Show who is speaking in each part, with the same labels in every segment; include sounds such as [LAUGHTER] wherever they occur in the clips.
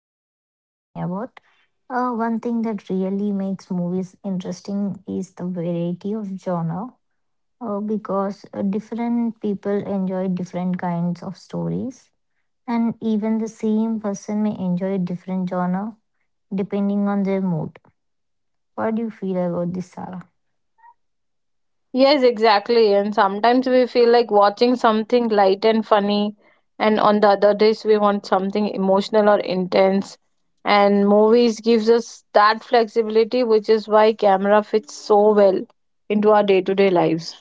Speaker 1: we are talking about, one thing that really makes movies interesting is the variety of genre, because different people enjoy different kinds of stories, and even the same person may enjoy different genre depending on their mood. What do you feel about this, Sarah?
Speaker 2: Yes, exactly. And sometimes we feel like watching something light and funny, and on the other days we want something emotional or intense. And movies gives us that flexibility, which is why camera fits so well into our day-to-day lives.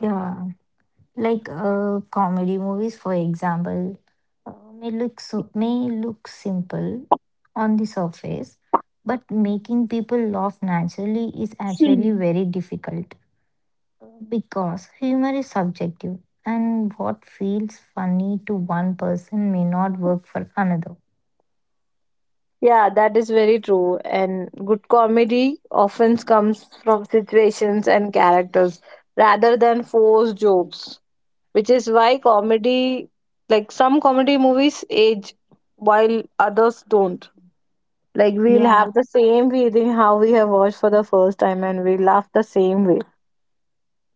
Speaker 1: Yeah. Like comedy movies, for example, uh, may look simple on the surface, but making people laugh naturally is actually
Speaker 2: Hmm.
Speaker 1: very difficult because humor is subjective, and what feels funny to one person may not work for another.
Speaker 2: Yeah, that is very true. And good comedy often comes from situations and characters rather than forced jokes, which is why comedy, like some comedy movies age while others don't, like we'll
Speaker 1: Yeah,
Speaker 2: have the same feeling how we have watched for the first time and we laugh the same way.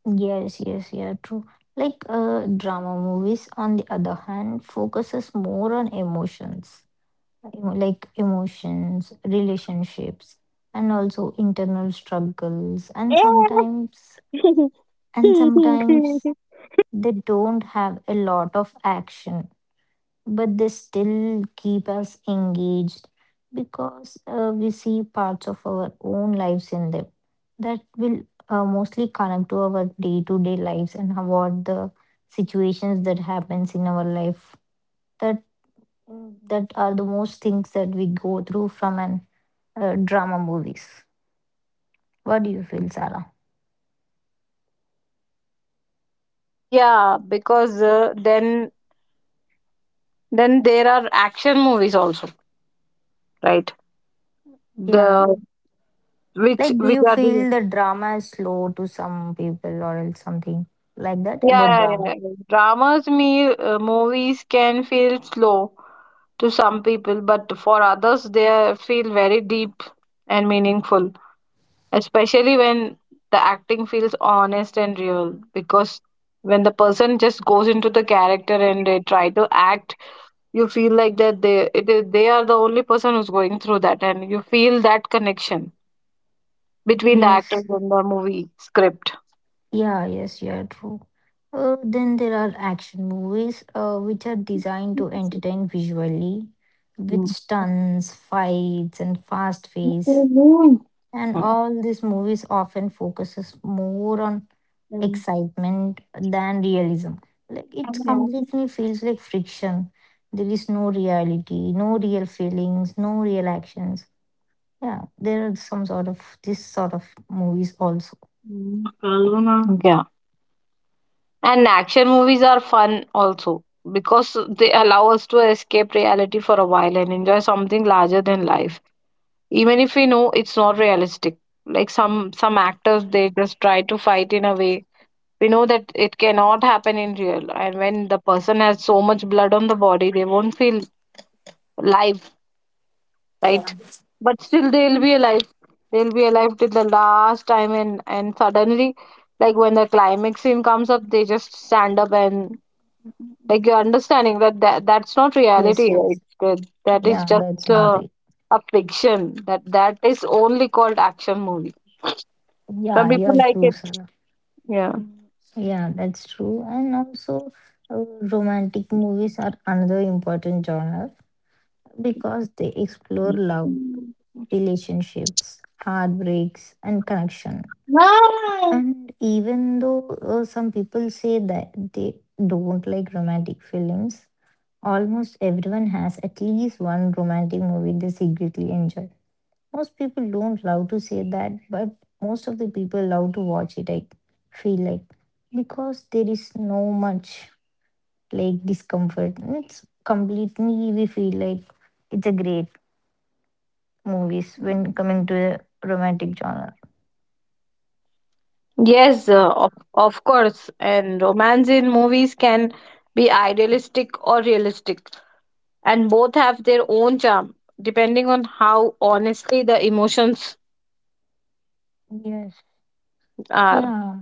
Speaker 1: yes, yeah, true. Like drama movies, on the other hand, focuses more on emotions like emotions, relationships, and also internal struggles. And sometimes
Speaker 2: [LAUGHS]
Speaker 1: they don't have a lot of action, but they still keep us engaged because we see parts of our own lives in them that will mostly connect to our day to day lives, and what the situations that happens in our life that are the most things that we go through from an drama movies. What do you feel, Sarah?
Speaker 2: Yeah, because then there are action movies also, right?
Speaker 1: Yeah.
Speaker 2: The which
Speaker 1: Like, do
Speaker 2: which
Speaker 1: you
Speaker 2: are the...
Speaker 1: feel the drama is slow to some people, or else something like that about
Speaker 2: Yeah, yeah,
Speaker 1: drama?
Speaker 2: yeah, yeah. Dramas, movies can feel slow to some people, but for others, they feel very deep and meaningful, especially when the acting feels honest and real. Because when the person just goes into the character and they try to act, you feel like that they are the only person who's going through that, and you feel that connection between the actors
Speaker 1: Yes.
Speaker 2: and the movie script.
Speaker 1: Yeah, yes, yeah, true. Then there are action movies which are designed to entertain visually with stunts, fights, and fast pace. And
Speaker 2: Mm.
Speaker 1: all these movies often focuses more on
Speaker 2: Mm.
Speaker 1: excitement than realism. Like it completely feels like friction. There is no reality, no real feelings, no real actions. Yeah, there are some sort of this sort of movies also.
Speaker 2: Mm. Kalpana. Yeah. And action movies are fun also because they allow us to escape reality for a while and enjoy something larger than life, even if we know it's not realistic. Like some actors, they just try to fight in a way we know that it cannot happen in real, and when the person has so much blood on the body they won't feel live, right? But still, they'll be alive. They'll be alive till the last time, and suddenly, like when the climax scene comes up, they just stand up and like you're understanding that that's not
Speaker 1: Yes,
Speaker 2: reality.
Speaker 1: yes.
Speaker 2: Right? That is
Speaker 1: Yeah, that's
Speaker 2: just
Speaker 1: not real.
Speaker 2: a fiction. That is only called action movie. Some
Speaker 1: Yeah,
Speaker 2: people
Speaker 1: yeah,
Speaker 2: like
Speaker 1: true,
Speaker 2: it.
Speaker 1: Sarah.
Speaker 2: Yeah.
Speaker 1: Yeah, that's true. And also, uh, romantic movies are another important genre because they explore love, relationships, heartbreaks, and connection. And even though some people say that they don't like romantic films, almost everyone has at least one romantic movie they secretly enjoy. Most people don't love to say that, but most of the people love to watch it, I feel like, because there is no much like discomfort. It's completely, we feel like it's a great movies when coming to the romantic genre.
Speaker 2: Yes, of course. And romance in movies can be idealistic or realistic, and both have their own charm depending on how honestly the emotions
Speaker 1: Yes.
Speaker 2: are.
Speaker 1: Yeah.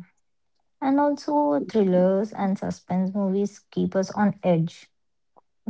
Speaker 1: And also, thrillers and suspense movies keep us on edge,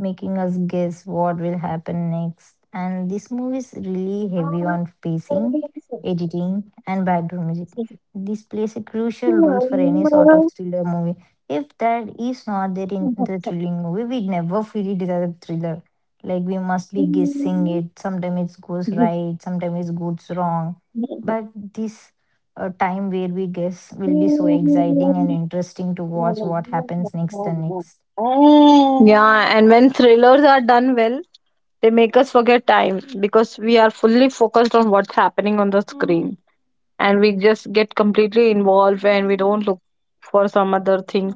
Speaker 1: making us guess what will happen next. And this movie is really heavy on pacing, editing, and background music. This plays a crucial role for any sort of thriller movie. If that is not there in the thrilling movie, we never feel it is a thriller. Like we must be guessing it. Sometimes it goes right, sometimes it goes wrong. But this time where we guess will be so exciting and interesting to watch what happens next and next.
Speaker 2: Yeah, and when thrillers are done well, they make us forget time because we are fully focused on what's happening on the screen, and we just get completely involved and we don't look for some other thing.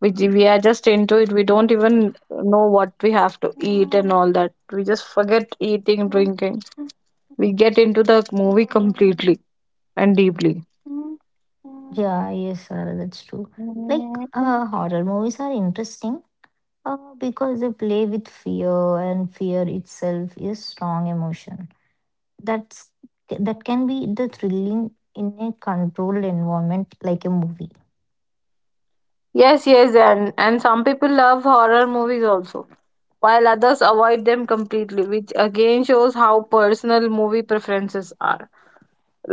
Speaker 2: We we are just into it, we don't even know what we have to eat and all that, we just forget eating, drinking, we get into the movie completely and deeply.
Speaker 1: Yeah, yes, sir, that's true. Like, horror movies are interesting because they play with fear, and fear itself is strong emotion. That's that can be the thrilling in a controlled environment like a movie.
Speaker 2: Yes, yes, and some people love horror movies also, while others avoid them completely, which again shows how personal movie preferences are.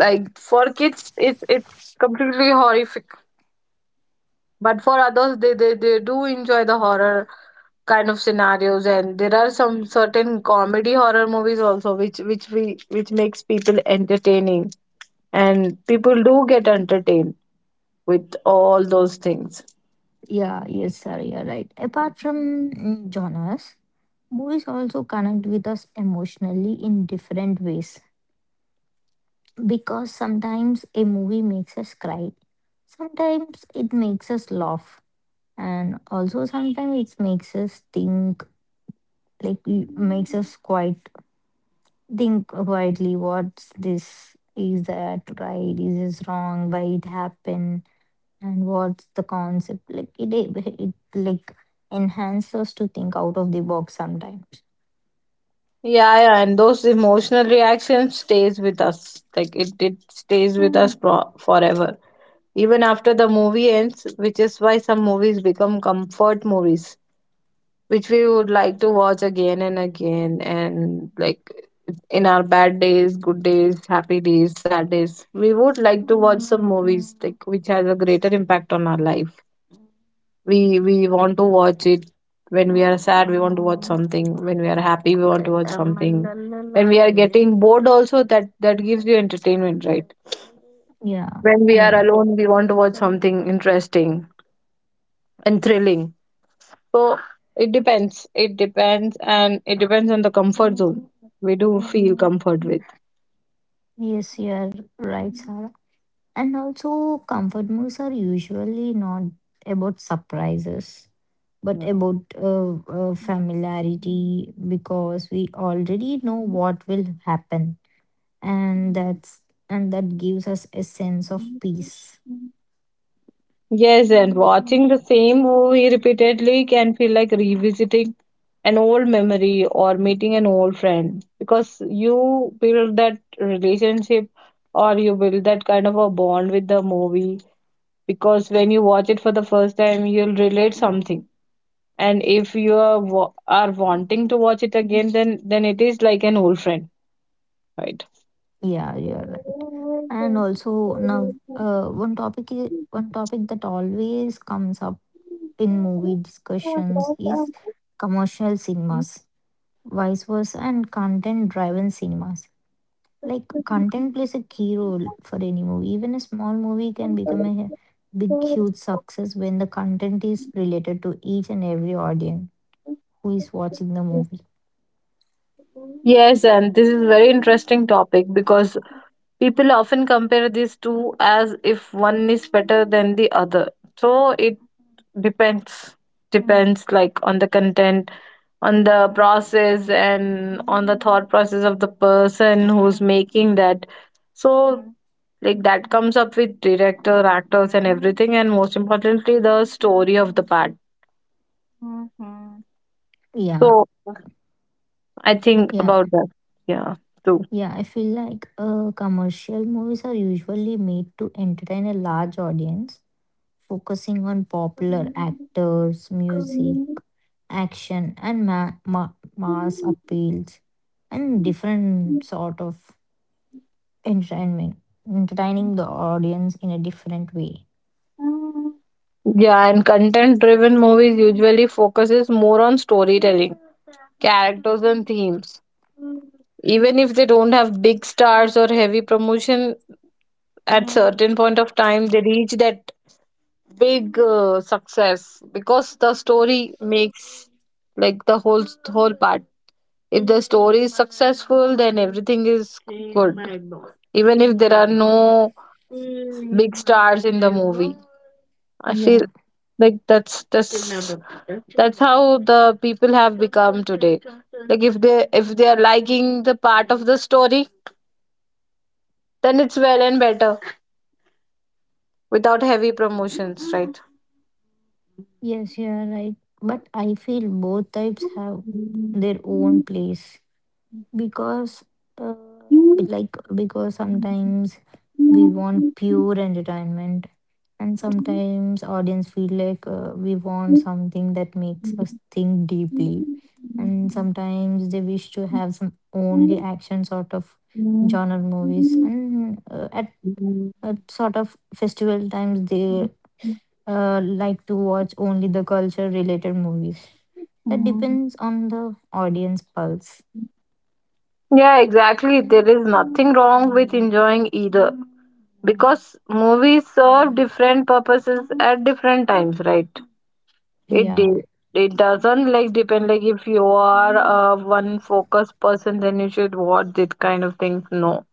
Speaker 2: Like for kids, it's completely horrific, but for others, they do enjoy the horror kind of scenarios, and there are some certain comedy horror movies also, which makes people entertaining, and people do get entertained with all those things.
Speaker 1: Yeah, yes, sir, you're right. Apart from genres, movies also connect with us emotionally in different ways because sometimes a movie makes us cry, sometimes it makes us laugh, and also sometimes it makes us think, like makes us quite think quietly, what's this, is that right, is this wrong, why it happened, and what's the concept, like it enhances us to think out of the box sometimes.
Speaker 2: Yeah yeah, and those emotional reactions stays with us, like it stays with us forever, even after the movie ends, which is why some movies become comfort movies, which we would like to watch again and again, and like in our bad days, good days, happy days, sad days, we would like to watch some movies like which has a greater impact on our life. We want to watch it. When we are sad we want to watch something, when we are happy we want to watch something, when we are getting bored also, that gives you entertainment, right?
Speaker 1: Yeah,
Speaker 2: When we are
Speaker 1: yeah,
Speaker 2: alone we want to watch something interesting and thrilling. So it depends, it depends, and it depends on the comfort zone. We do feel comfort
Speaker 1: yes, you're right, Sarah. And also, comfort movies are usually not about surprises, but
Speaker 2: with.
Speaker 1: about familiarity because we already know what will happen, and that's and that gives us a sense of peace.
Speaker 2: Yes, and watching the same movie repeatedly can feel like revisiting an old memory or meeting an old friend, because you build that relationship or you build that kind of a bond with the movie. Because when you watch it for the first time, you'll relate something. And if you are, are wanting to watch it again, then it is like an old friend, right?
Speaker 1: Yeah, you're right. And also now, one topic that always comes up in movie discussions is commercial cinemas, vice versa, and content-driven cinemas. Like content plays a key role for any movie. Even a small movie can become a big, huge success when the content is related to each and every audience who is watching the movie.
Speaker 2: Yes, and this is very interesting topic because people often compare these two as if one is better than the other. So it depends, like on the content, on the process, and on the thought process of the person who's making that. So like that comes up with director, actors, and everything, and most importantly, the story of the part.
Speaker 1: Yeah,
Speaker 2: So I think
Speaker 1: yeah,
Speaker 2: about that. Yeah, too.
Speaker 1: yeah. I feel like commercial movies are usually made to entertain a large audience, focusing on popular actors, music, action, and mass appeals and different sort of entertainment, entertaining the audience in a different way.
Speaker 2: Yeah, and content driven movies usually focuses more on storytelling, characters, and themes, even if they don't have big stars or heavy promotion. At certain point of time they reach that big success, because the story makes like the whole, whole part. If the story is successful, then everything is good, even if there are no big stars in the movie, I feel.
Speaker 1: Yeah,
Speaker 2: Like that's that's how the people have become today. Like if they are liking the part of the story, then it's well and better, without heavy promotions, right?
Speaker 1: yes, you are right. But I feel both types have their own place because, uh, because sometimes we want pure entertainment, and sometimes audience feel like we want something that makes us think deeply, and sometimes they wish to have some only action sort of genre movies, and at sort of festival times they like to watch only the culture related movies. That depends on the audience pulse.
Speaker 2: Yeah, exactly, there is nothing wrong with enjoying either, because movies serve different purposes at different times, right? it
Speaker 1: yeah
Speaker 2: de- it doesn't like depend. Like if you are a one focused person, then you should watch that kind of thing. No,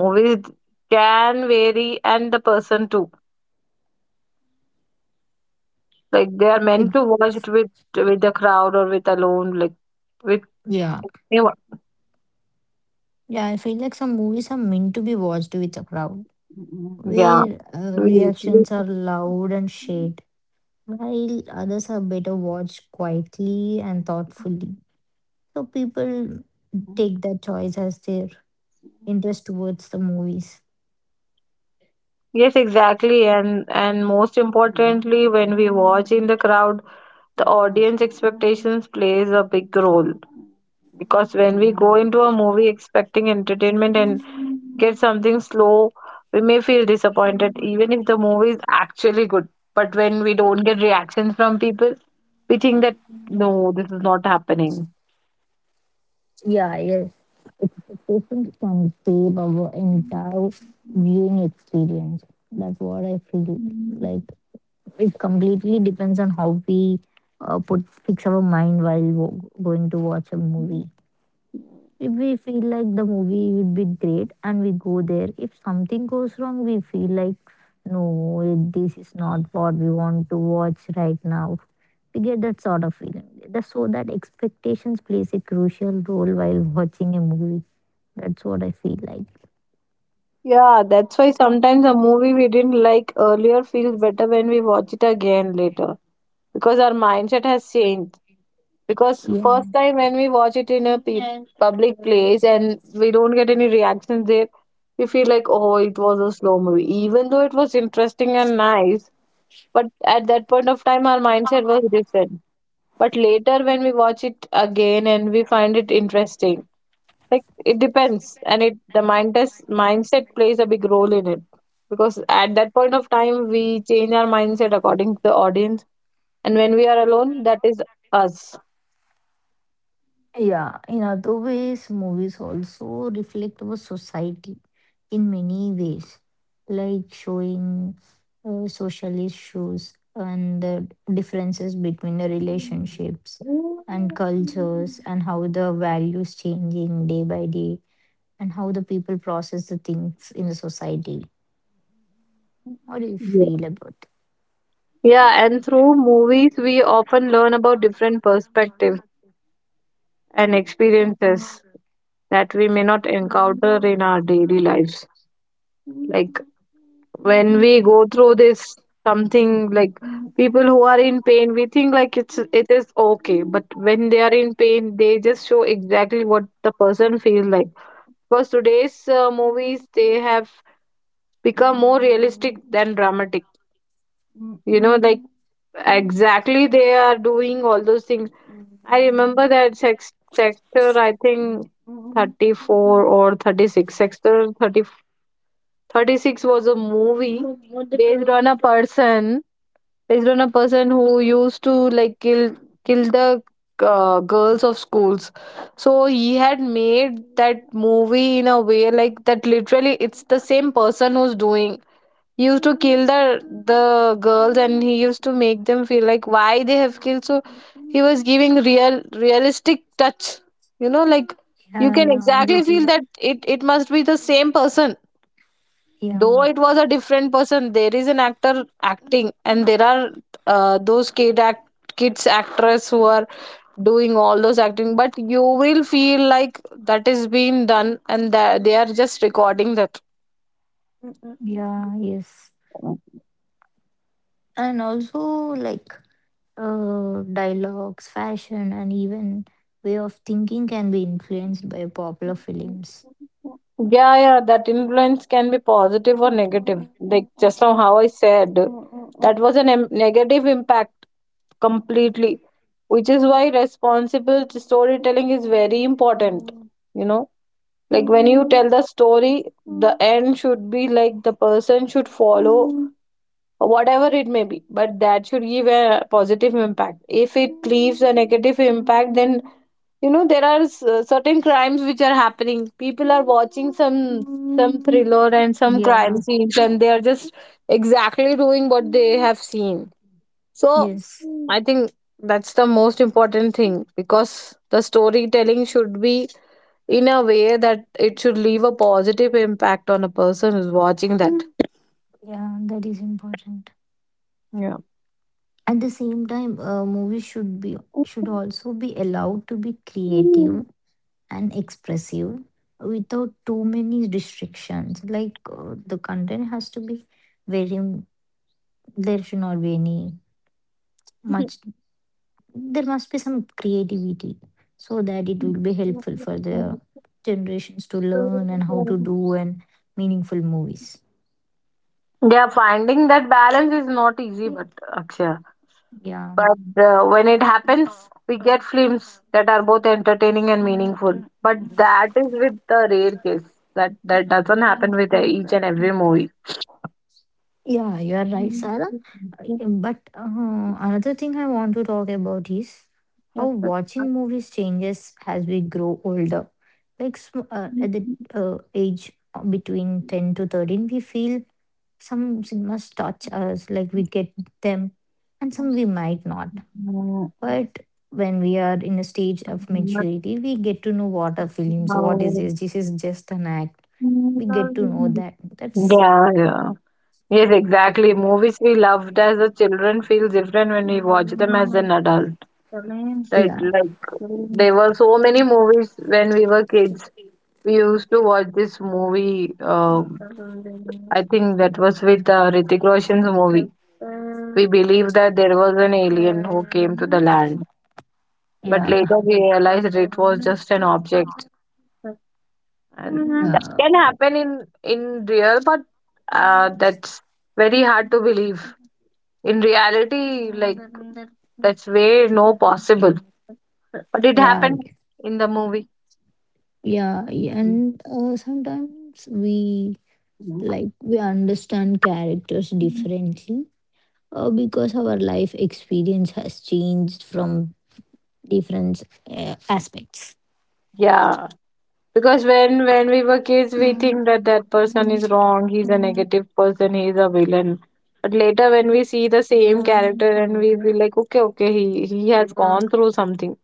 Speaker 2: movies can vary, and the person too. Like they are meant to
Speaker 1: ex-
Speaker 2: watch it with the crowd or with alone, like with
Speaker 1: Yeah.
Speaker 2: anyone.
Speaker 1: Yeah, I feel like some movies are meant to be watched with a crowd
Speaker 2: Yeah.
Speaker 1: where
Speaker 2: we-
Speaker 1: reactions
Speaker 2: we-
Speaker 1: are loud and shared, while others are better watched quietly and thoughtfully, so people take that choice as their interest towards the movies.
Speaker 2: Yes, exactly. And most importantly, when we watch in the crowd, the audience expectations plays a big role, because when we go into a movie expecting entertainment and get something slow, we may feel disappointed even if the movie is actually good. But when we don't get reactions from people, we think that no, this is not happening.
Speaker 1: Yeah, yes. Expectations can save our entire viewing experience. That's what I feel. Like it completely depends on how we put fix our mind while going to watch a movie. If we feel like the movie would be great and we go there, if something goes wrong, we feel like no, this is not what we want to watch right now. We get that sort of feeling. That's so that expectations plays a crucial role while watching a movie, that's what I feel like.
Speaker 2: Yeah, that's why sometimes a movie we didn't like earlier feels better when we watch it again later, because our mindset has changed. Because first
Speaker 1: Yeah.
Speaker 2: time when we watch it in a Yeah, public place, and we don't get any reactions there, we feel like, oh, it was a slow movie, even though it was interesting and nice. But at that point of time our mindset was different, but later when we watch it again and we find it interesting. Like it depends, and it the mindset plays a big role in it, because at that point of time we change our mindset according to the audience, and when we are alone, that is us.
Speaker 1: Yeah. In other ways, movies also reflect our society in many ways, like showing social issues and the differences between the relationships and cultures, and how the values changing day by day, and how the people process the things in the society. How do you feel about it?
Speaker 2: Yeah, and through movies, we often learn about different perspectives and experiences that we may not encounter in our daily lives. Like when we go through this, something like people who are in pain, we think like it is okay, but when they are in pain, they just show exactly what the person feels like. Because today's movies, they have become more realistic than dramatic. You know, like exactly they are doing all those things. I remember that sex sector, I think 34 or 36. Sector Thirty thirty six was a movie based on a person, based on a person who used to like kill the girls of schools. So he had made that movie in a way like that literally it's the same person who's doing. He used to kill the girls, and he used to make them feel like why they have killed. So he was giving real, realistic touch, you know, like you
Speaker 1: Yeah,
Speaker 2: can
Speaker 1: yeah, I
Speaker 2: exactly
Speaker 1: get
Speaker 2: feel
Speaker 1: you.
Speaker 2: that it must be the same person, though
Speaker 1: Yeah,
Speaker 2: it was a different person. There is an actor acting, and there are those kids actress who are doing all those acting, but you will feel like that is being done and that they are just recording that.
Speaker 1: yeah, yes. And also like dialogues, fashion, and even way of thinking can be influenced by popular films.
Speaker 2: Yeah, yeah, that influence can be positive or negative. Like just now, how I said, that was a negative impact completely, which is why responsible storytelling is very important. You know, like when you tell the story, the end should be like the person should follow, whatever it may be, but that should give a positive impact. If it leaves a negative impact, then you know there are certain crimes which are happening, people are watching some thriller and some crime
Speaker 1: Yeah,
Speaker 2: scenes, and they are just exactly doing what they have seen. So
Speaker 1: yes,
Speaker 2: I think that's the most important thing, because the storytelling should be in a way that it should leave a positive impact on a person who's watching that.
Speaker 1: yeah, that is important.
Speaker 2: Yeah,
Speaker 1: At the same time, movies should be should also be allowed to be creative and expressive without too many restrictions. Like the content has to be very. There should not be any much, there must be some creativity so that it will be helpful for the generations to learn and how to do and meaningful movies.
Speaker 2: yeah, finding that balance is not easy, but Akshaya,
Speaker 1: Yeah,
Speaker 2: but when it happens, we get films that are both entertaining and meaningful. But that is with the rare case. That doesn't happen with each and every movie.
Speaker 1: yeah, you are right, Sarah. But another thing I want to talk about is how
Speaker 2: [LAUGHS]
Speaker 1: watching movies changes as we grow older. Like at the uh, age between 10 to 13 we feel some cinemas touch us, like we get them, and some we might not. But when we are in a stage of
Speaker 2: Mm.
Speaker 1: maturity, we get to know what are films, what is this, this is just an act. We get to know that. That's
Speaker 2: Yeah, yeah. Yes, exactly. Movies we loved as a children feel different when we watch them as an adult, right?
Speaker 1: yeah
Speaker 2: Like there were so many movies when we were kids. We used to watch this movie. I think that was with Ritik Roshan's movie. We believed that there was an alien who came to the land, but
Speaker 1: yeah
Speaker 2: later we realized it was just an object. And that
Speaker 1: yeah
Speaker 2: can happen in real, but that's very hard to believe. In reality, like that's way no possible. But it
Speaker 1: yeah
Speaker 2: happened in the movie.
Speaker 1: yeah Yeah. And sometimes we like we understand characters differently because our life experience has changed from different aspects.
Speaker 2: Yeah. Because when we were kids, we think that that person is wrong. He's a negative person. He's a villain. But later, when we see the same character, and we be like, okay, he has gone through something.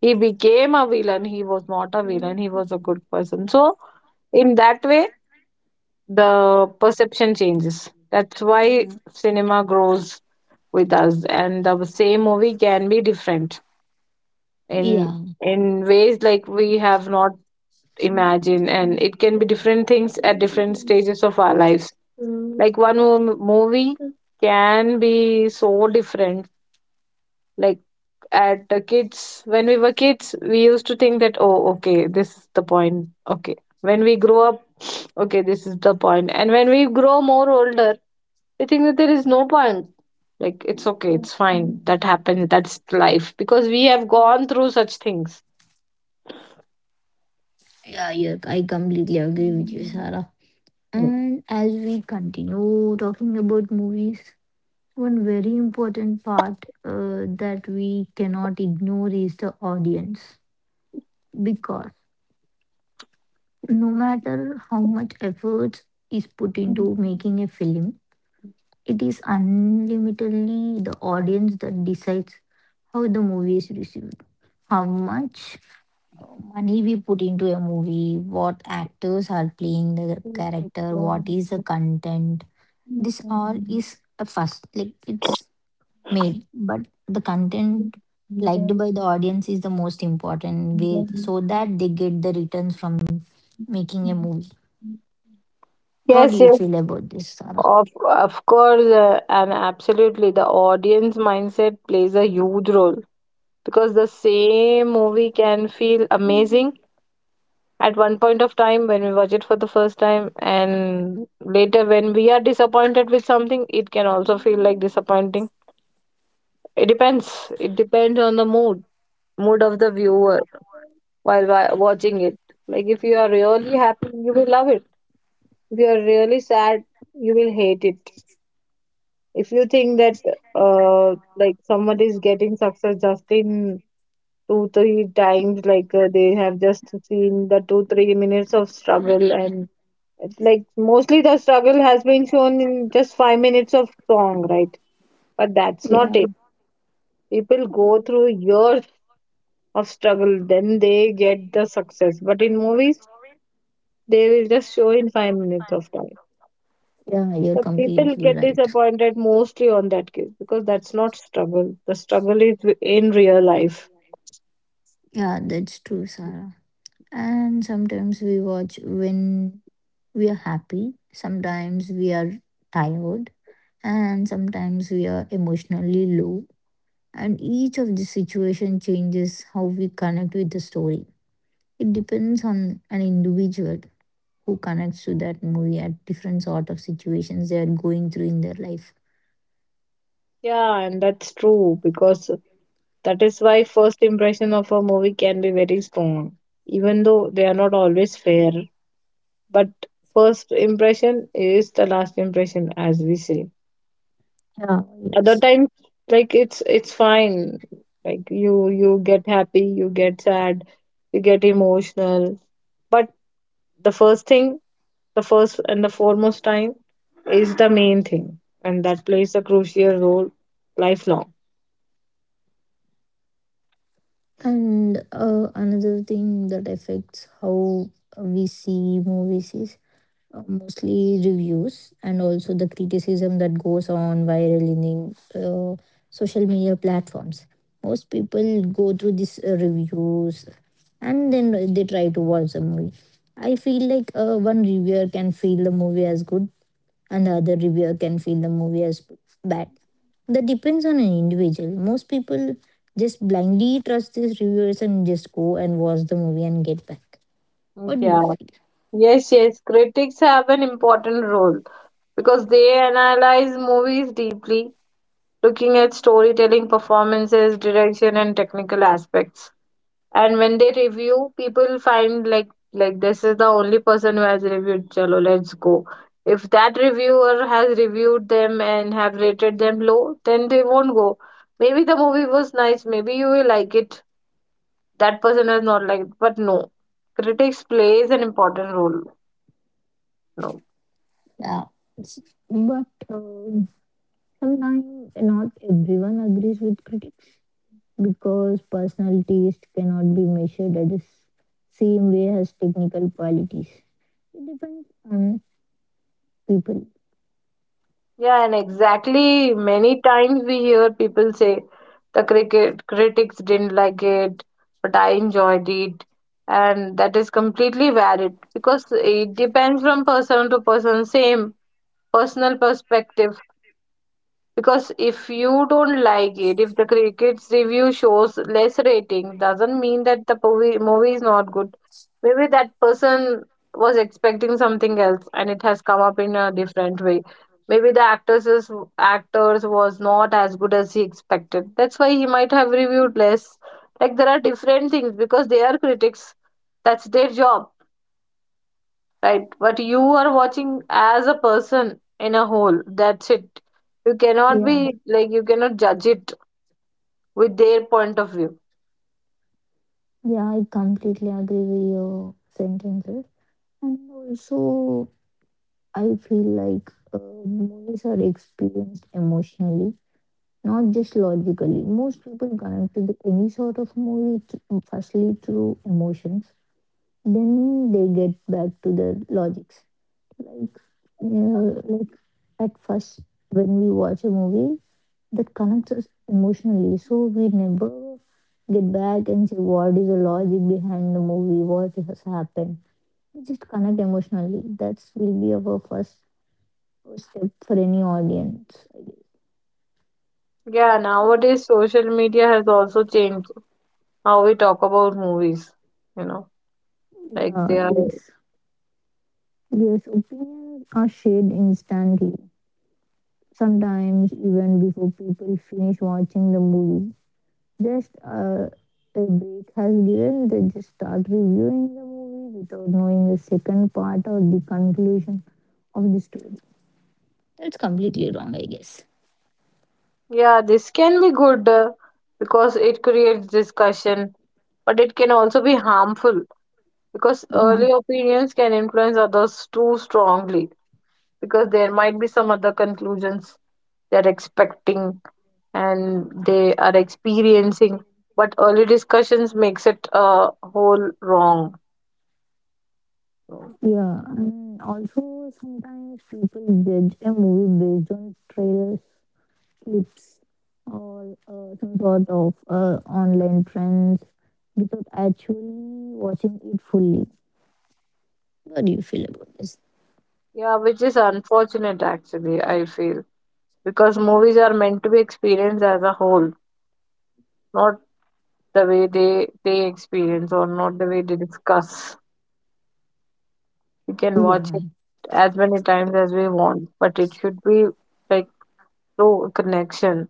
Speaker 2: He became a villain. He was not a villain. He was a good person. So in that way, the perception changes. That's why cinema grows with us, and the same movie can be different in
Speaker 1: Yeah,
Speaker 2: in ways like we have not imagine and it can be different things at different stages of our lives. Mm. Like one movie can be so different, like at the kids when we were kids we used to think that, oh okay, this is the point. Okay, when we grow up, [SNIFFS] okay, this is the point. And when we grow more older we think that there is no point, like it's okay, it's fine, that happened, that's life, because we have gone through such things.
Speaker 1: yeah, yeah, I completely agree with you,
Speaker 2: Mm.
Speaker 1: Sarah. And as we continue talking about movies, one very important part that we cannot ignore is the audience. Because no matter how much effort is put into making a film, it is unlimitedly the audience that decides how the movie is received, how much uh, money we put into a movie, what actors are playing the character, what is the content. This all is a first, like it's made, but the content liked by the audience is the most important way so that they get the returns from making a movie. What
Speaker 2: Yes,
Speaker 1: do you
Speaker 2: yes.
Speaker 1: feel about this, Sarah?
Speaker 2: Of course, and absolutely, the audience mindset plays a huge role because the same movie can feel amazing at one point of time when we watch it for the first time, and later when we are disappointed with something, it can also feel like disappointing. It depends. It depends on the mood, mood of the viewer while watching it. Like if you are really happy, you will love it. If you are really sad, you will hate it. If you think that like someone is getting success just in two three times, like they have just seen the 2 3 minutes of struggle, and it's like mostly the struggle has been shown in just 5 minutes of song, right? But that's not
Speaker 1: Yeah,
Speaker 2: it. People go through years of struggle then they get the success, but in movies they will just show in 5 minutes of time.
Speaker 1: yeah, you're
Speaker 2: So people
Speaker 1: completely
Speaker 2: get
Speaker 1: right.
Speaker 2: disappointed mostly on that case because that's not struggle. The struggle is in real life.
Speaker 1: Yeah, that's true, Sarah. And sometimes we watch when we are happy, sometimes we are tired, and sometimes we are emotionally low, and each of the situation changes how we connect with the story. It depends on an individual who connects to that movie at different sort of situations they are going through in their life.
Speaker 2: Yeah, and that's true because that is why first impression of a movie can be very strong, even though they are not always fair. But first impression is the last impression, as we say.
Speaker 1: Yeah,
Speaker 2: Other
Speaker 1: yes.
Speaker 2: times, like it's fine. Like you get happy, you get sad, you get emotional. But the first thing, the first and the foremost time is the main thing, and that plays a crucial role lifelong.
Speaker 1: And another thing that affects how we see movies is mostly reviews and also the criticism that goes on viral in the social media platforms. Most people go through these reviews and then they try to watch the movie. I feel like one reviewer can feel the movie as good and the other reviewer can feel the movie as bad. That depends on an individual. Most people just blindly trust these reviewers and just go and watch the movie and get back. What do
Speaker 2: Yeah.
Speaker 1: you feel?
Speaker 2: Yes, yes. Critics have an important role because they analyze movies deeply, looking at storytelling, performances, direction, and technical aspects. And when they review, people find like this is the only person who has reviewed Chalo, let's go. If that reviewer has reviewed them and have rated them low, then they won't go. Maybe the movie was nice, maybe you will like it, that person is not like, but no, critics plays an important role. No.
Speaker 1: Yeah, but sometimes not everyone agrees with critics because personal taste cannot be measured at the same way as technical qualities. It depends on people.
Speaker 2: Yeah, and exactly, many times we hear people say the cricket critics didn't like it but I enjoyed it, and that is completely valid because it depends from person to person. Same personal perspective, because if you don't like it, if the cricket's review shows less rating, doesn't mean that the movie is not good. Maybe that person was expecting something else and it has come up in a different way. Maybe the actresses, actors was not as good as he expected, that's why he might have reviewed less. Like there are different things because they are critics, that's their job, right? But you are watching as a person in a whole, that's it. You cannot
Speaker 1: Yeah,
Speaker 2: be, like, you cannot judge it with their point of view.
Speaker 1: yeah, I completely agree with your sentences. And also, I feel like movies are experienced emotionally, not just logically. Most people connect to any sort of movie, firstly through emotion, then they get back to their logics. Like uh, like at first, when we watch a movie that connects us emotionally, so we never get back and say what is the logic behind the movie, what has happened. We just connect emotionally. That's will be our first step for any audience, I guess.
Speaker 2: Yeah, nowadays social media has also changed how we talk about movies, you know, like
Speaker 1: Yeah,
Speaker 2: they are.
Speaker 1: yes. Yes, opinions are shared instantly, sometimes even before people finish watching the movie. Just a break has given, they just start reviewing the movie without knowing the second part or the conclusion of the story. That's completely wrong, I guess.
Speaker 2: Yeah, this can be good, because it creates discussion, but it can also be harmful because
Speaker 1: Yeah,
Speaker 2: early opinions can influence others too strongly, because there might be some other conclusions they're expecting and they are experiencing, but early discussions makes it a whole wrong.
Speaker 1: yeah. And also, sometimes people judge a movie based on trailers, clips, or some sort of online trends without actually watching it fully. What do you feel about this?
Speaker 2: Yeah, which is unfortunate, actually, I feel, because movies are meant to be experienced as a whole, not the way they experience or not the way they discuss. We can watch
Speaker 1: Yeah.
Speaker 2: it as many times as we want, but it should be like no connection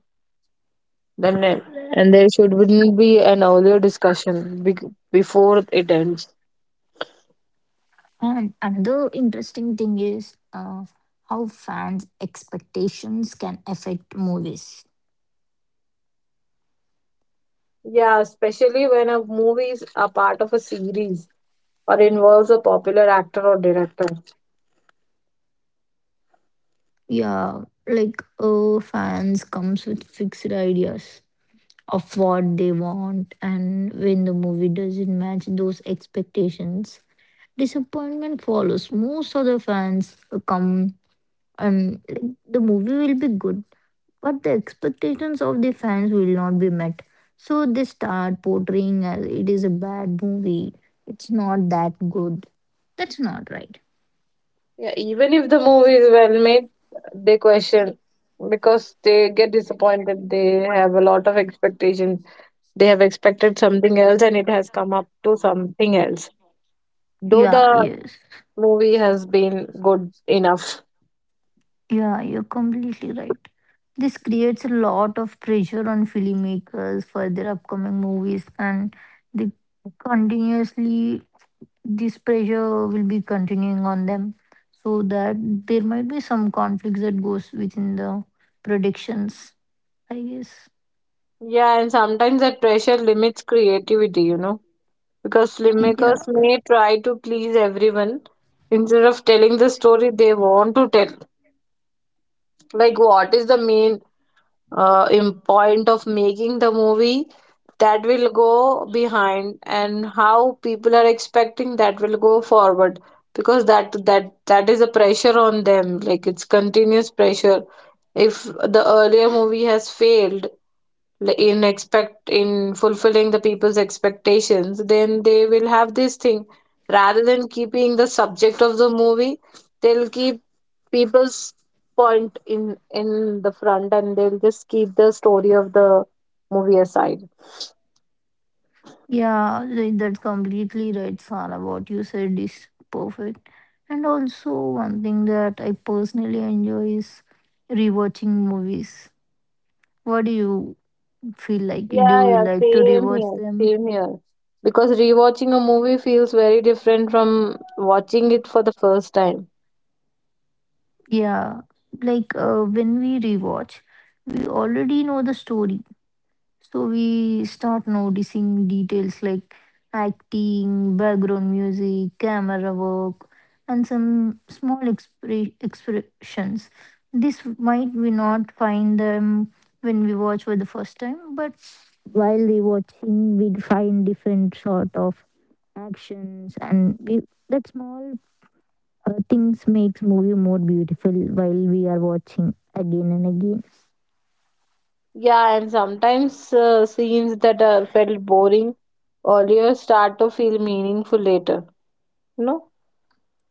Speaker 2: then and there should be an earlier discussion be- before it ends.
Speaker 1: And another interesting thing is how fans' expectations can affect movies.
Speaker 2: Yeah, especially when a movie is a part of a series or involves a popular actor or director.
Speaker 1: Yeah, like fans comes with fixed ideas of what they want, and when the movie doesn't match those expectations, disappointment follows. Most of the fans come and like, the movie will be good, but the expectations of the fans will not be met. So they start portraying as it is a bad movie. It's not that good. That's not right.
Speaker 2: Yeah, even if the movie is well made, they question because they get disappointed. They have a lot of expectation. They have expected something else and it has come up to something else. Though
Speaker 1: Yeah,
Speaker 2: the
Speaker 1: yes.
Speaker 2: movie has been good enough.
Speaker 1: Yeah, you're completely right. This creates a lot of pressure on filmmakers for their upcoming movies, and they continuously, this pressure will be continuing on them, so that there might be some conflicts that goes within the predictions, I guess.
Speaker 2: Yeah, and sometimes that pressure limits creativity, you know, because
Speaker 1: Yeah,
Speaker 2: filmmakers may try to please everyone instead of telling the story they want to tell, like what is the main point of making the movie, that will go behind and how people are expecting that will go forward, because that is a pressure on them, like it's continuous pressure. If the earlier movie has failed in expect in fulfilling the people's expectations, then they will have this thing rather than keeping the subject of the movie, they'll keep people's point in the front, and they'll just keep the story of the movie aside.
Speaker 1: yeah, like that's completely right, Sara. What you said is perfect. And also, one thing that I personally enjoy is rewatching movies. What do you feel like? Do
Speaker 2: Yeah,
Speaker 1: you
Speaker 2: yeah
Speaker 1: like to
Speaker 2: same
Speaker 1: rewatch
Speaker 2: here
Speaker 1: them?
Speaker 2: same here because rewatching a movie feels very different from watching it for the first time.
Speaker 1: Yeah, like when we rewatch, we already know the story, so we start noticing details like acting, background music, camera work, and some small expressions. This might we not find them when we watch for the first time, but while they watching, we find different sort of actions, and we, that small things makes movie more beautiful while we are watching again and again.
Speaker 2: Yeah, and sometimes scenes that felt boring earlier start to feel meaningful later. You know,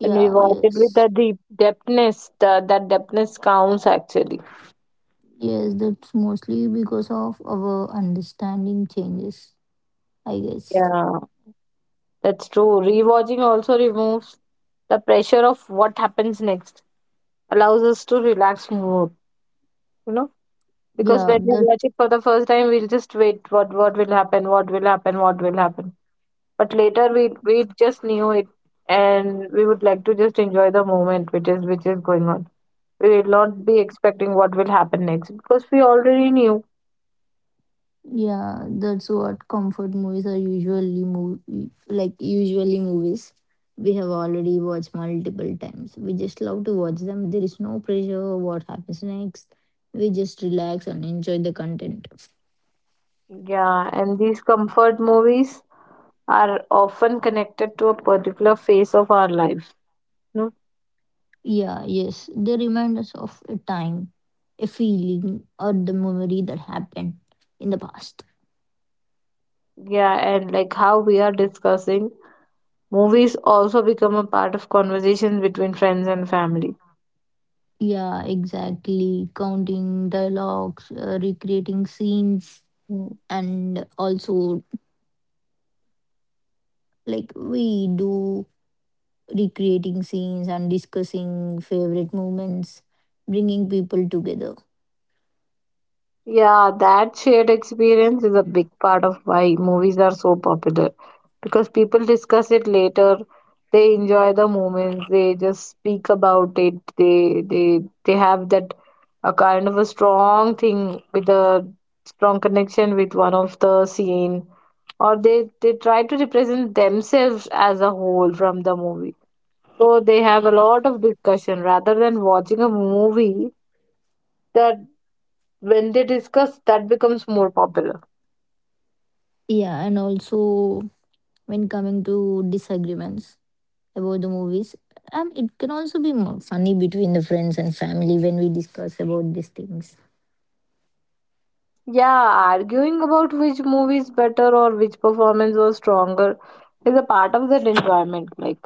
Speaker 2: when we watch it with
Speaker 1: Yes.
Speaker 2: the deep depthness, the, that depthness counts actually.
Speaker 1: Yes, that's mostly because of our understanding changes, I guess.
Speaker 2: Yeah, that's true. Rewatching also removes the pressure of what happens next, allows us to relax more. You know, because
Speaker 1: Yeah,
Speaker 2: when we
Speaker 1: that
Speaker 2: watch it for the first time, we'll just wait. What will happen? What will happen? What will happen? But later we just knew it and we would like to just enjoy the moment which is going on. We will not be expecting what will happen next because we already knew.
Speaker 1: yeah, that's what comfort movies are usually mov like usually movies we have already watched multiple times. We just love to watch them. There is no pressure what happens next. We just relax and enjoy the content.
Speaker 2: Yeah, and these comfort movies are often connected to a particular phase of our life. No.
Speaker 1: Yeah, yes. They remind us of a time, a feeling, or the memory that happened in the past.
Speaker 2: Yeah, and like how we are discussing, movies also become a part of conversations between friends and family.
Speaker 1: Yeah, exactly. Counting dialogues, recreating scenes,
Speaker 2: Mm.
Speaker 1: and also like we do recreating scenes and discussing favorite moments, bringing people together.
Speaker 2: Yeah, that shared experience is a big part of why movies are so popular, because people discuss it later, they enjoy the moments, they just speak about it, they have that a kind of a strong thing with a strong connection with one of the scene, or they try to represent themselves as a whole from the movie, so they have a lot of discussion rather than watching a movie, that when they discuss that becomes more popular.
Speaker 1: Yeah, and also when coming to disagreements about the movies, it can also be more funny between the friends and family when we discuss about these things.
Speaker 2: Yeah, arguing about which movie is better or which performance was stronger is a part of that enjoyment. Like,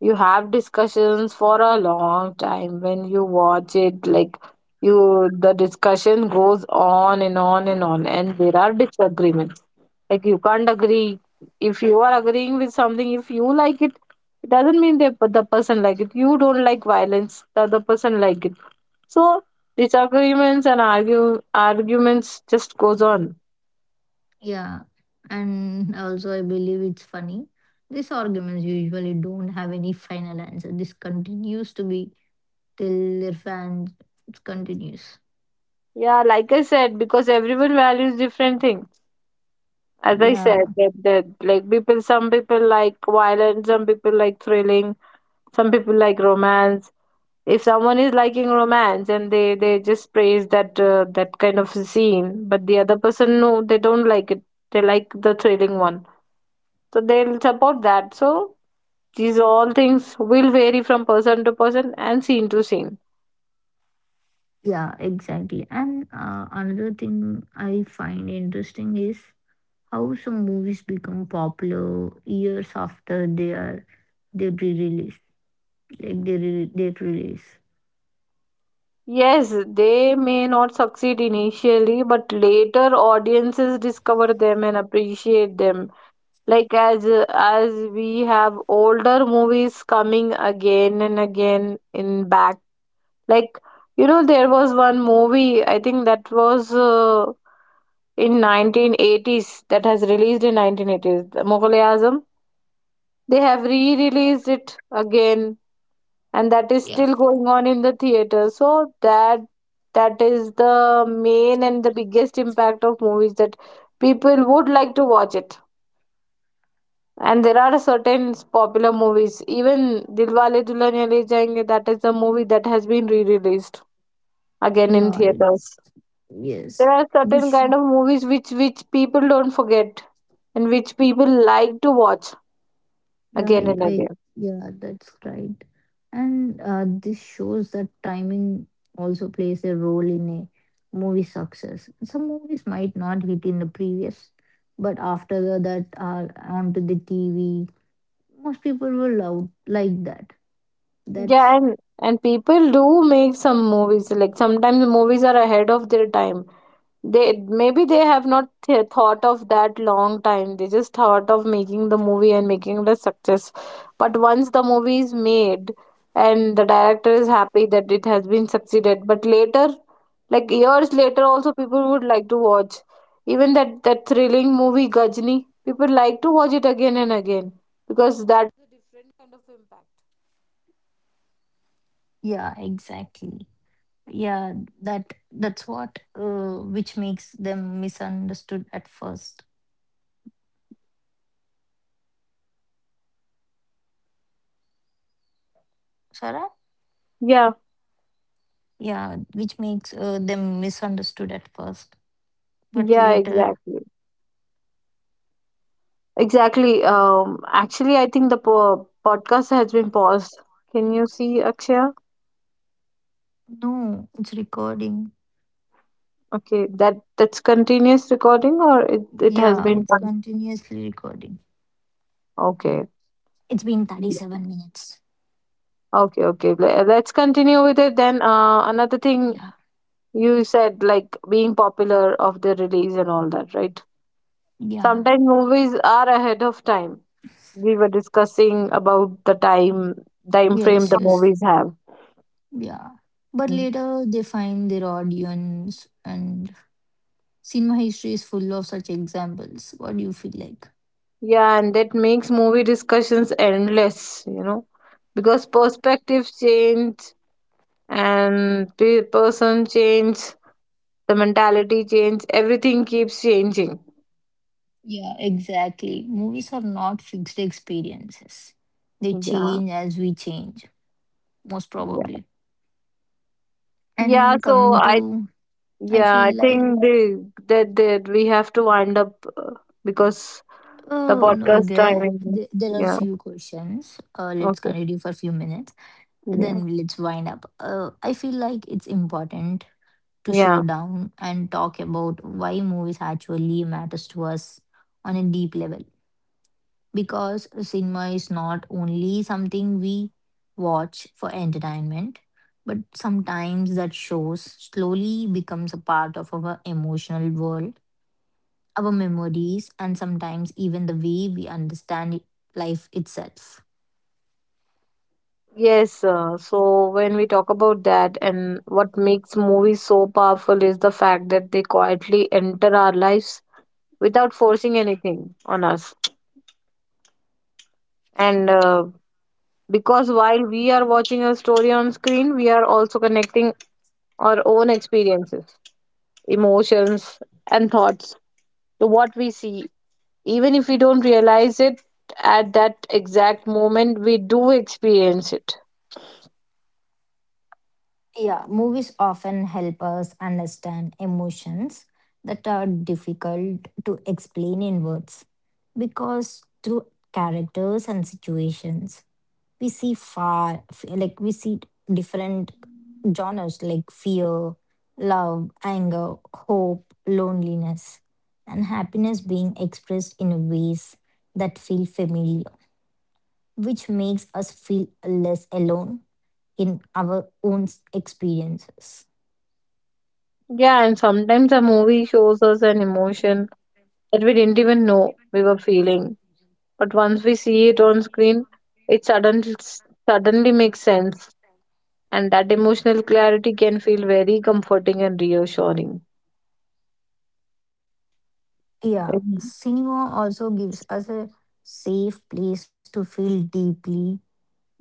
Speaker 2: you have discussions for a long time when you watch it, like, you the discussion goes on and on and on, and there are disagreements. Like, you can't agree. If you are agreeing with something, if you like it doesn't mean that the person like it. You don't like violence, the other person like it, so disagreements and argue arguments just goes on.
Speaker 1: Yeah, and also I believe it's funny. These arguments usually don't have any final answer. This continues to be till their fans continues.
Speaker 2: Yeah, like I said, because everyone values different things. As I
Speaker 1: Yeah,
Speaker 2: said, that, that like people, some people like violent, some people like thrilling, some people like romance. If someone is liking romance and they just praise that that kind of scene, but the other person no, they don't like it. They like the thrilling one, so they'll support that. So these all things will vary from person to person and scene to scene.
Speaker 1: yeah, exactly. And another thing I find interesting is how some movies become popular years after they are they re-release, like they release.
Speaker 2: Yes, they may not succeed initially, but later audiences discover them and appreciate them. Like as we have older movies coming again and again in back. Like, you know, there was one movie I think that was in 1980s that has released in 1980s. The Mughal Azam. They have re-released it again and that is
Speaker 1: Yeah,
Speaker 2: still going on in the theater, so that that is the main and the biggest impact of movies, that people would like to watch it, and there are certain popular movies, even Dilwale Dulhaniya Le Jayenge, that is the movie that has been re-released again in
Speaker 1: yeah,
Speaker 2: theaters. There
Speaker 1: yes.
Speaker 2: are certain
Speaker 1: This
Speaker 2: kind of movies which people don't forget and which people like to watch
Speaker 1: Yeah,
Speaker 2: again
Speaker 1: I,
Speaker 2: and
Speaker 1: I-
Speaker 2: again.
Speaker 1: yeah, that's right. And this shows that timing also plays a role in a movie success. Some movies might not hit in the previous, but after the, that are onto the TV. Most people will love like that.
Speaker 2: Yeah,
Speaker 1: That's
Speaker 2: and people do make some movies, like sometimes movies are ahead of their time. They, maybe they have not thought of that long time, they just thought of making the movie and making it a success, but once the movie is made and the director is happy that it has been succeeded, but later, like years later also people would like to watch, even that that thrilling movie Gajni, people like to watch it again and again, because
Speaker 1: yeah, exactly. Yeah, that that's what which makes them misunderstood at first. Sarah?
Speaker 3: Yeah,
Speaker 1: Yeah, which makes them misunderstood at first, but
Speaker 3: yeah,
Speaker 1: later
Speaker 3: exactly. Exactly. Actually, I think the po podcast has been paused. Can you see Akshaya?
Speaker 1: no, it's recording.
Speaker 3: Okay, that's continuous recording or it has
Speaker 1: Yeah,
Speaker 3: been
Speaker 1: it's
Speaker 3: done?
Speaker 1: continuously recording.
Speaker 3: Okay.
Speaker 1: It's been
Speaker 3: Yeah.
Speaker 1: 37 minutes.
Speaker 3: Okay, okay. Let's continue with it then. Another thing
Speaker 1: Yeah.
Speaker 3: you said, like being popular of the release and all that, right?
Speaker 1: Yeah.
Speaker 3: Sometimes movies are ahead of time. We were discussing about the time frame
Speaker 1: Yes,
Speaker 3: the
Speaker 1: yes,
Speaker 3: movies have.
Speaker 1: yeah. But later they find their audience, and cinema history is full of such examples. What do you feel like?
Speaker 3: Yeah, and that makes movie discussions endless, you know, because perspectives change and person change, the mentality change, everything keeps changing.
Speaker 1: Yeah, exactly. Movies are not fixed experiences, they
Speaker 3: Yeah,
Speaker 1: change as we change, most
Speaker 3: yeah,
Speaker 1: probably.
Speaker 3: yeah.
Speaker 1: And
Speaker 3: So
Speaker 1: coming
Speaker 3: I,
Speaker 1: to, I
Speaker 3: yeah, I
Speaker 1: feel like
Speaker 3: think the that that we have to wind up because the
Speaker 1: oh, no,
Speaker 3: podcast
Speaker 1: there,
Speaker 3: timing.
Speaker 1: there there are
Speaker 3: Yeah.
Speaker 1: few questions. Let's
Speaker 3: Okay.
Speaker 1: continue for a few minutes.
Speaker 3: Yeah.
Speaker 1: Then let's wind up. I feel like it's important to show
Speaker 3: Yeah.
Speaker 1: down and talk about why movies actually matters to us on a deep level. Because cinema is not only something we watch for entertainment, but sometimes that shows slowly becomes a part of our emotional world, our memories, and sometimes even the way we understand life itself.
Speaker 3: Yes, so when we talk about that, and what makes movies so powerful is the fact that they quietly enter our lives without forcing anything on us. And because while we are watching a story on screen, we are also connecting our own experiences, emotions, and thoughts to what we see. Even if we don't realize it at that exact moment, we do experience it.
Speaker 1: Yeah, movies often help us understand emotions that are difficult to explain in words, because through characters and situations, we see far, like we see different genres like fear, love, anger, hope, loneliness, and happiness being expressed in ways that feel familiar, which makes us feel less alone in our own experiences.
Speaker 3: Yeah, and sometimes a movie shows us an emotion that we didn't even know we were feeling. But once we see it on screen, it suddenly makes sense, and that emotional clarity can feel very comforting and reassuring.
Speaker 1: Yeah,
Speaker 3: Mhm.
Speaker 1: cinema also gives us a safe place to feel deeply,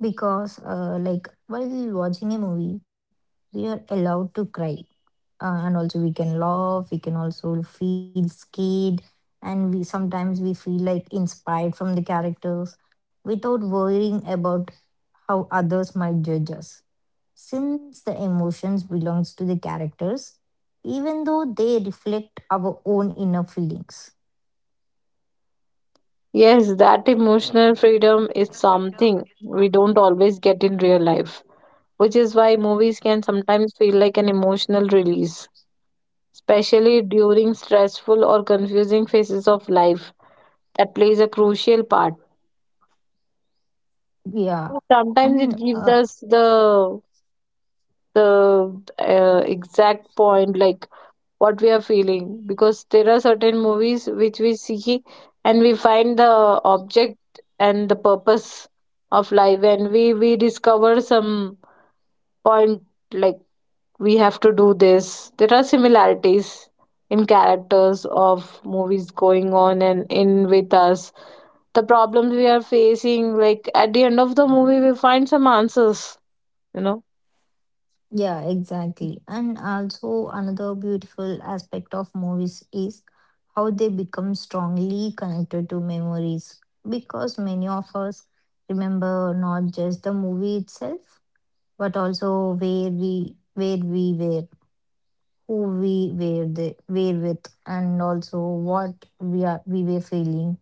Speaker 1: because, like, while watching a movie, we are allowed to cry. And also we can laugh, we can also feel scared, and we sometimes we feel like inspired from the characters without worrying about how others might judge us. Since the emotions belongs to the characters, even though they reflect our own inner feelings.
Speaker 3: Yes, that emotional freedom is something we don't always get in real life, which is why movies can sometimes feel like an emotional release, especially during stressful or confusing phases of life. That plays a crucial part.
Speaker 1: Yeah.
Speaker 3: Sometimes it
Speaker 1: And
Speaker 3: gives us the exact point like what we are feeling, because there are certain movies which we see and we find the object and the purpose of life, and we discover some point, like we have to do this. There are similarities in characters of movies going on and in with us, the problems we are facing. Like at the end of the movie we find some answers, you know.
Speaker 1: yeah, exactly. And also another beautiful aspect of movies is how they become strongly connected to memories, because many of us remember not just the movie itself but also where we were, who we were the, were with, and also what we are we were feeling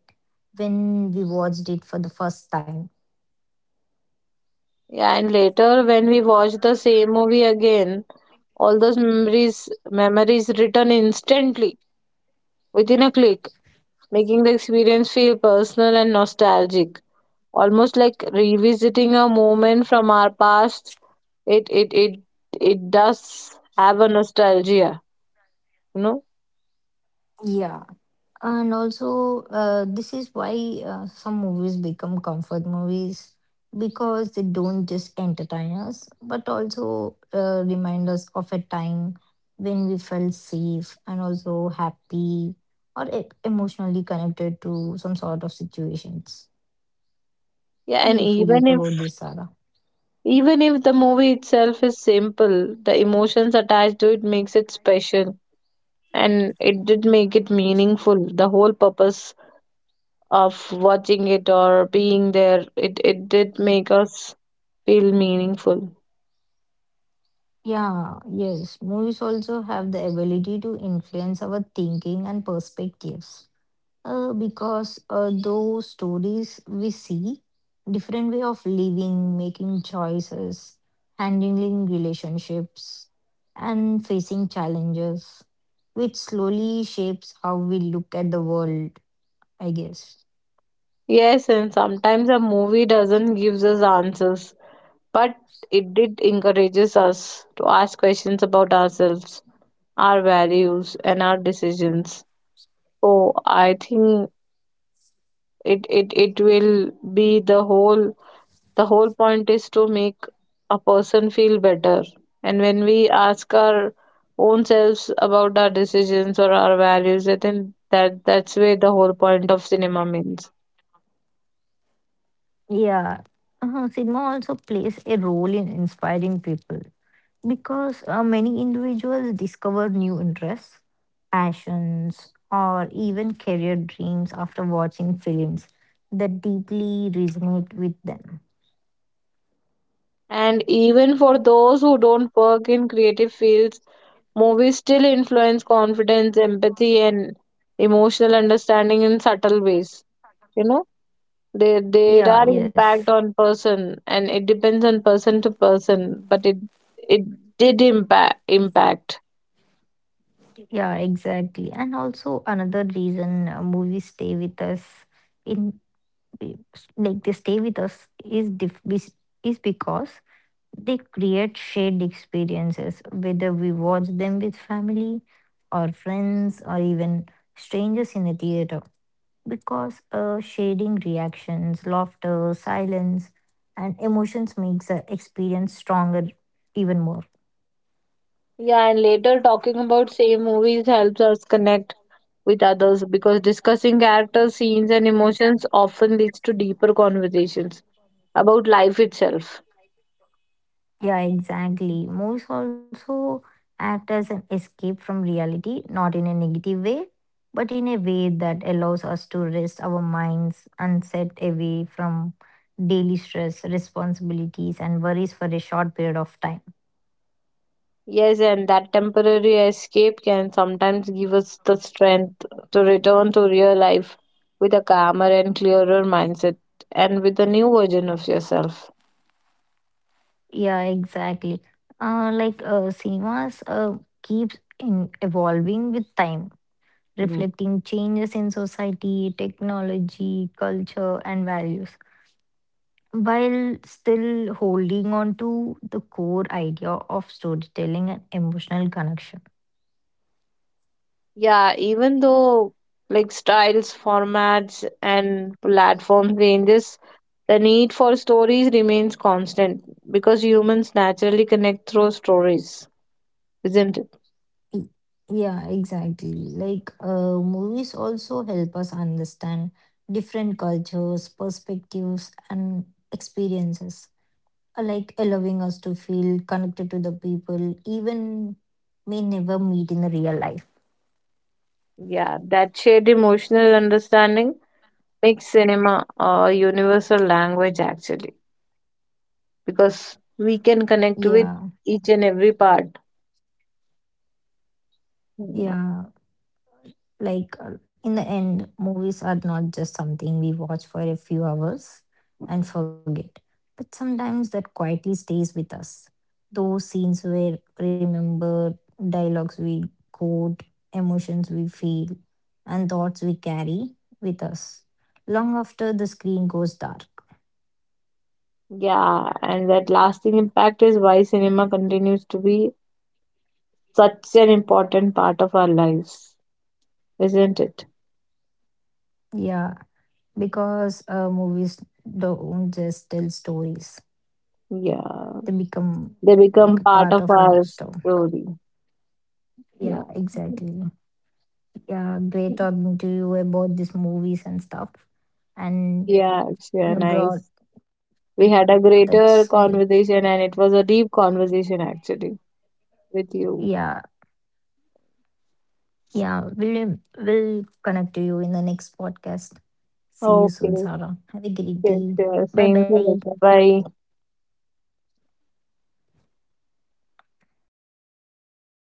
Speaker 1: when we watched it for the first time.
Speaker 3: Yeah, and later when we watch the same movie again, all those memories return instantly within a click, making the experience feel personal and nostalgic, almost like revisiting a moment from our past. It it it it does have a nostalgia, you know.
Speaker 1: Yeah, and also this is why some movies become comfort movies, because they don't just entertain us but also remind us of a time when we felt safe and also happy, or emotionally connected to some sort of situations. How
Speaker 3: Yeah,
Speaker 1: do
Speaker 3: and
Speaker 1: you feel
Speaker 3: even if,
Speaker 1: about this, Sarah?
Speaker 3: even if the movie itself is simple, the emotions attached to it makes it special, and it did make it meaningful. The whole purpose of watching it or being there, it did make us feel meaningful.
Speaker 1: Yeah, yes. Movies also have the ability to influence our thinking and perspectives. Because those stories we see, different way of living, making choices, handling relationships, and facing challenges, which slowly shapes how we look at the world, I guess.
Speaker 3: Yes, and sometimes a movie doesn't give us answers, but it did encourages us to ask questions about ourselves, our values, and our decisions. So I think it will be the whole— The whole point is to make a person feel better. And when we ask our own selves about our decisions or our values, I think that's where the whole point of cinema means.
Speaker 1: Yeah. Cinema also plays a role in inspiring people, because many individuals discover new interests, passions, or even career dreams after watching films that deeply resonate with them.
Speaker 3: And even for those who don't work in creative fields, movies still influence confidence, empathy, and emotional understanding in subtle ways. You know, they
Speaker 1: Yeah,
Speaker 3: are
Speaker 1: yes.
Speaker 3: impact on person, and it depends on person to person, but it— it did impact.
Speaker 1: Yeah, exactly. And also another reason movies stay with us in like they stay with us is dif- is because they create shared experiences, whether we watch them with family or friends or even strangers in a theater, because shading reactions, laughter, silence, and emotions makes the experience stronger even more.
Speaker 3: Yeah, and later talking about same movies helps us connect with others because discussing characters, scenes, and emotions often leads to deeper conversations about life itself.
Speaker 1: Yeah, exactly. Movies also act as an escape from reality, not in a negative way, but in a way that allows us to rest our minds and set away from daily stress, responsibilities, and worries for a short period of time.
Speaker 3: Yes, and that temporary escape can sometimes give us the strength to return to real life with a calmer and clearer mindset, and with a new version of yourself.
Speaker 1: Yeah, exactly. Like cinemas keeps in evolving with time,
Speaker 3: Mm.
Speaker 1: reflecting changes in society, technology, culture, and values, while still holding on to the core idea of storytelling and emotional connection.
Speaker 3: Yeah, even though like styles, formats, and platform changes, the need for stories remains constant because humans naturally connect through stories, isn't it?
Speaker 1: Y- Yeah, exactly. Like movies also help us understand different cultures, perspectives, and experiences, like allowing us to feel connected to the people even may never meet in the real life.
Speaker 3: Yeah, that shared emotional understanding makes cinema a universal language actually, because we can connect with
Speaker 1: Yeah,
Speaker 3: each and every part.
Speaker 1: yeah. Like, in the end, movies are not just something we watch for a few hours and forget, but sometimes that quietly stays with us. Those scenes were remembered, dialogues we quote, emotions we feel, and thoughts we carry with us long after the screen goes dark.
Speaker 3: Yeah, and that lasting impact is why cinema continues to be such an important part of our lives, isn't it?
Speaker 1: Yeah, because movies don't just tell stories,
Speaker 3: Yeah,
Speaker 1: they become
Speaker 3: they
Speaker 1: like a
Speaker 3: become part
Speaker 1: part
Speaker 3: of
Speaker 1: of our
Speaker 3: our
Speaker 1: story.
Speaker 3: story.
Speaker 1: Yeah,
Speaker 3: Yeah.
Speaker 1: exactly. Yeah, great talking to you about these movies and stuff. And
Speaker 3: Yeah, it's, yeah,
Speaker 1: God,
Speaker 3: nice.
Speaker 1: yeah,
Speaker 3: We had a
Speaker 1: that's great.
Speaker 3: greater conversation and it was a deep conversation actually with you.
Speaker 1: Yeah, yeah, we'll connect to you in the next podcast. See you soon,
Speaker 3: Okay,
Speaker 1: Sarah. Have a great
Speaker 3: sure,
Speaker 1: day.
Speaker 3: sure.
Speaker 1: Bye
Speaker 3: Same to
Speaker 1: bye.
Speaker 3: you. Bye.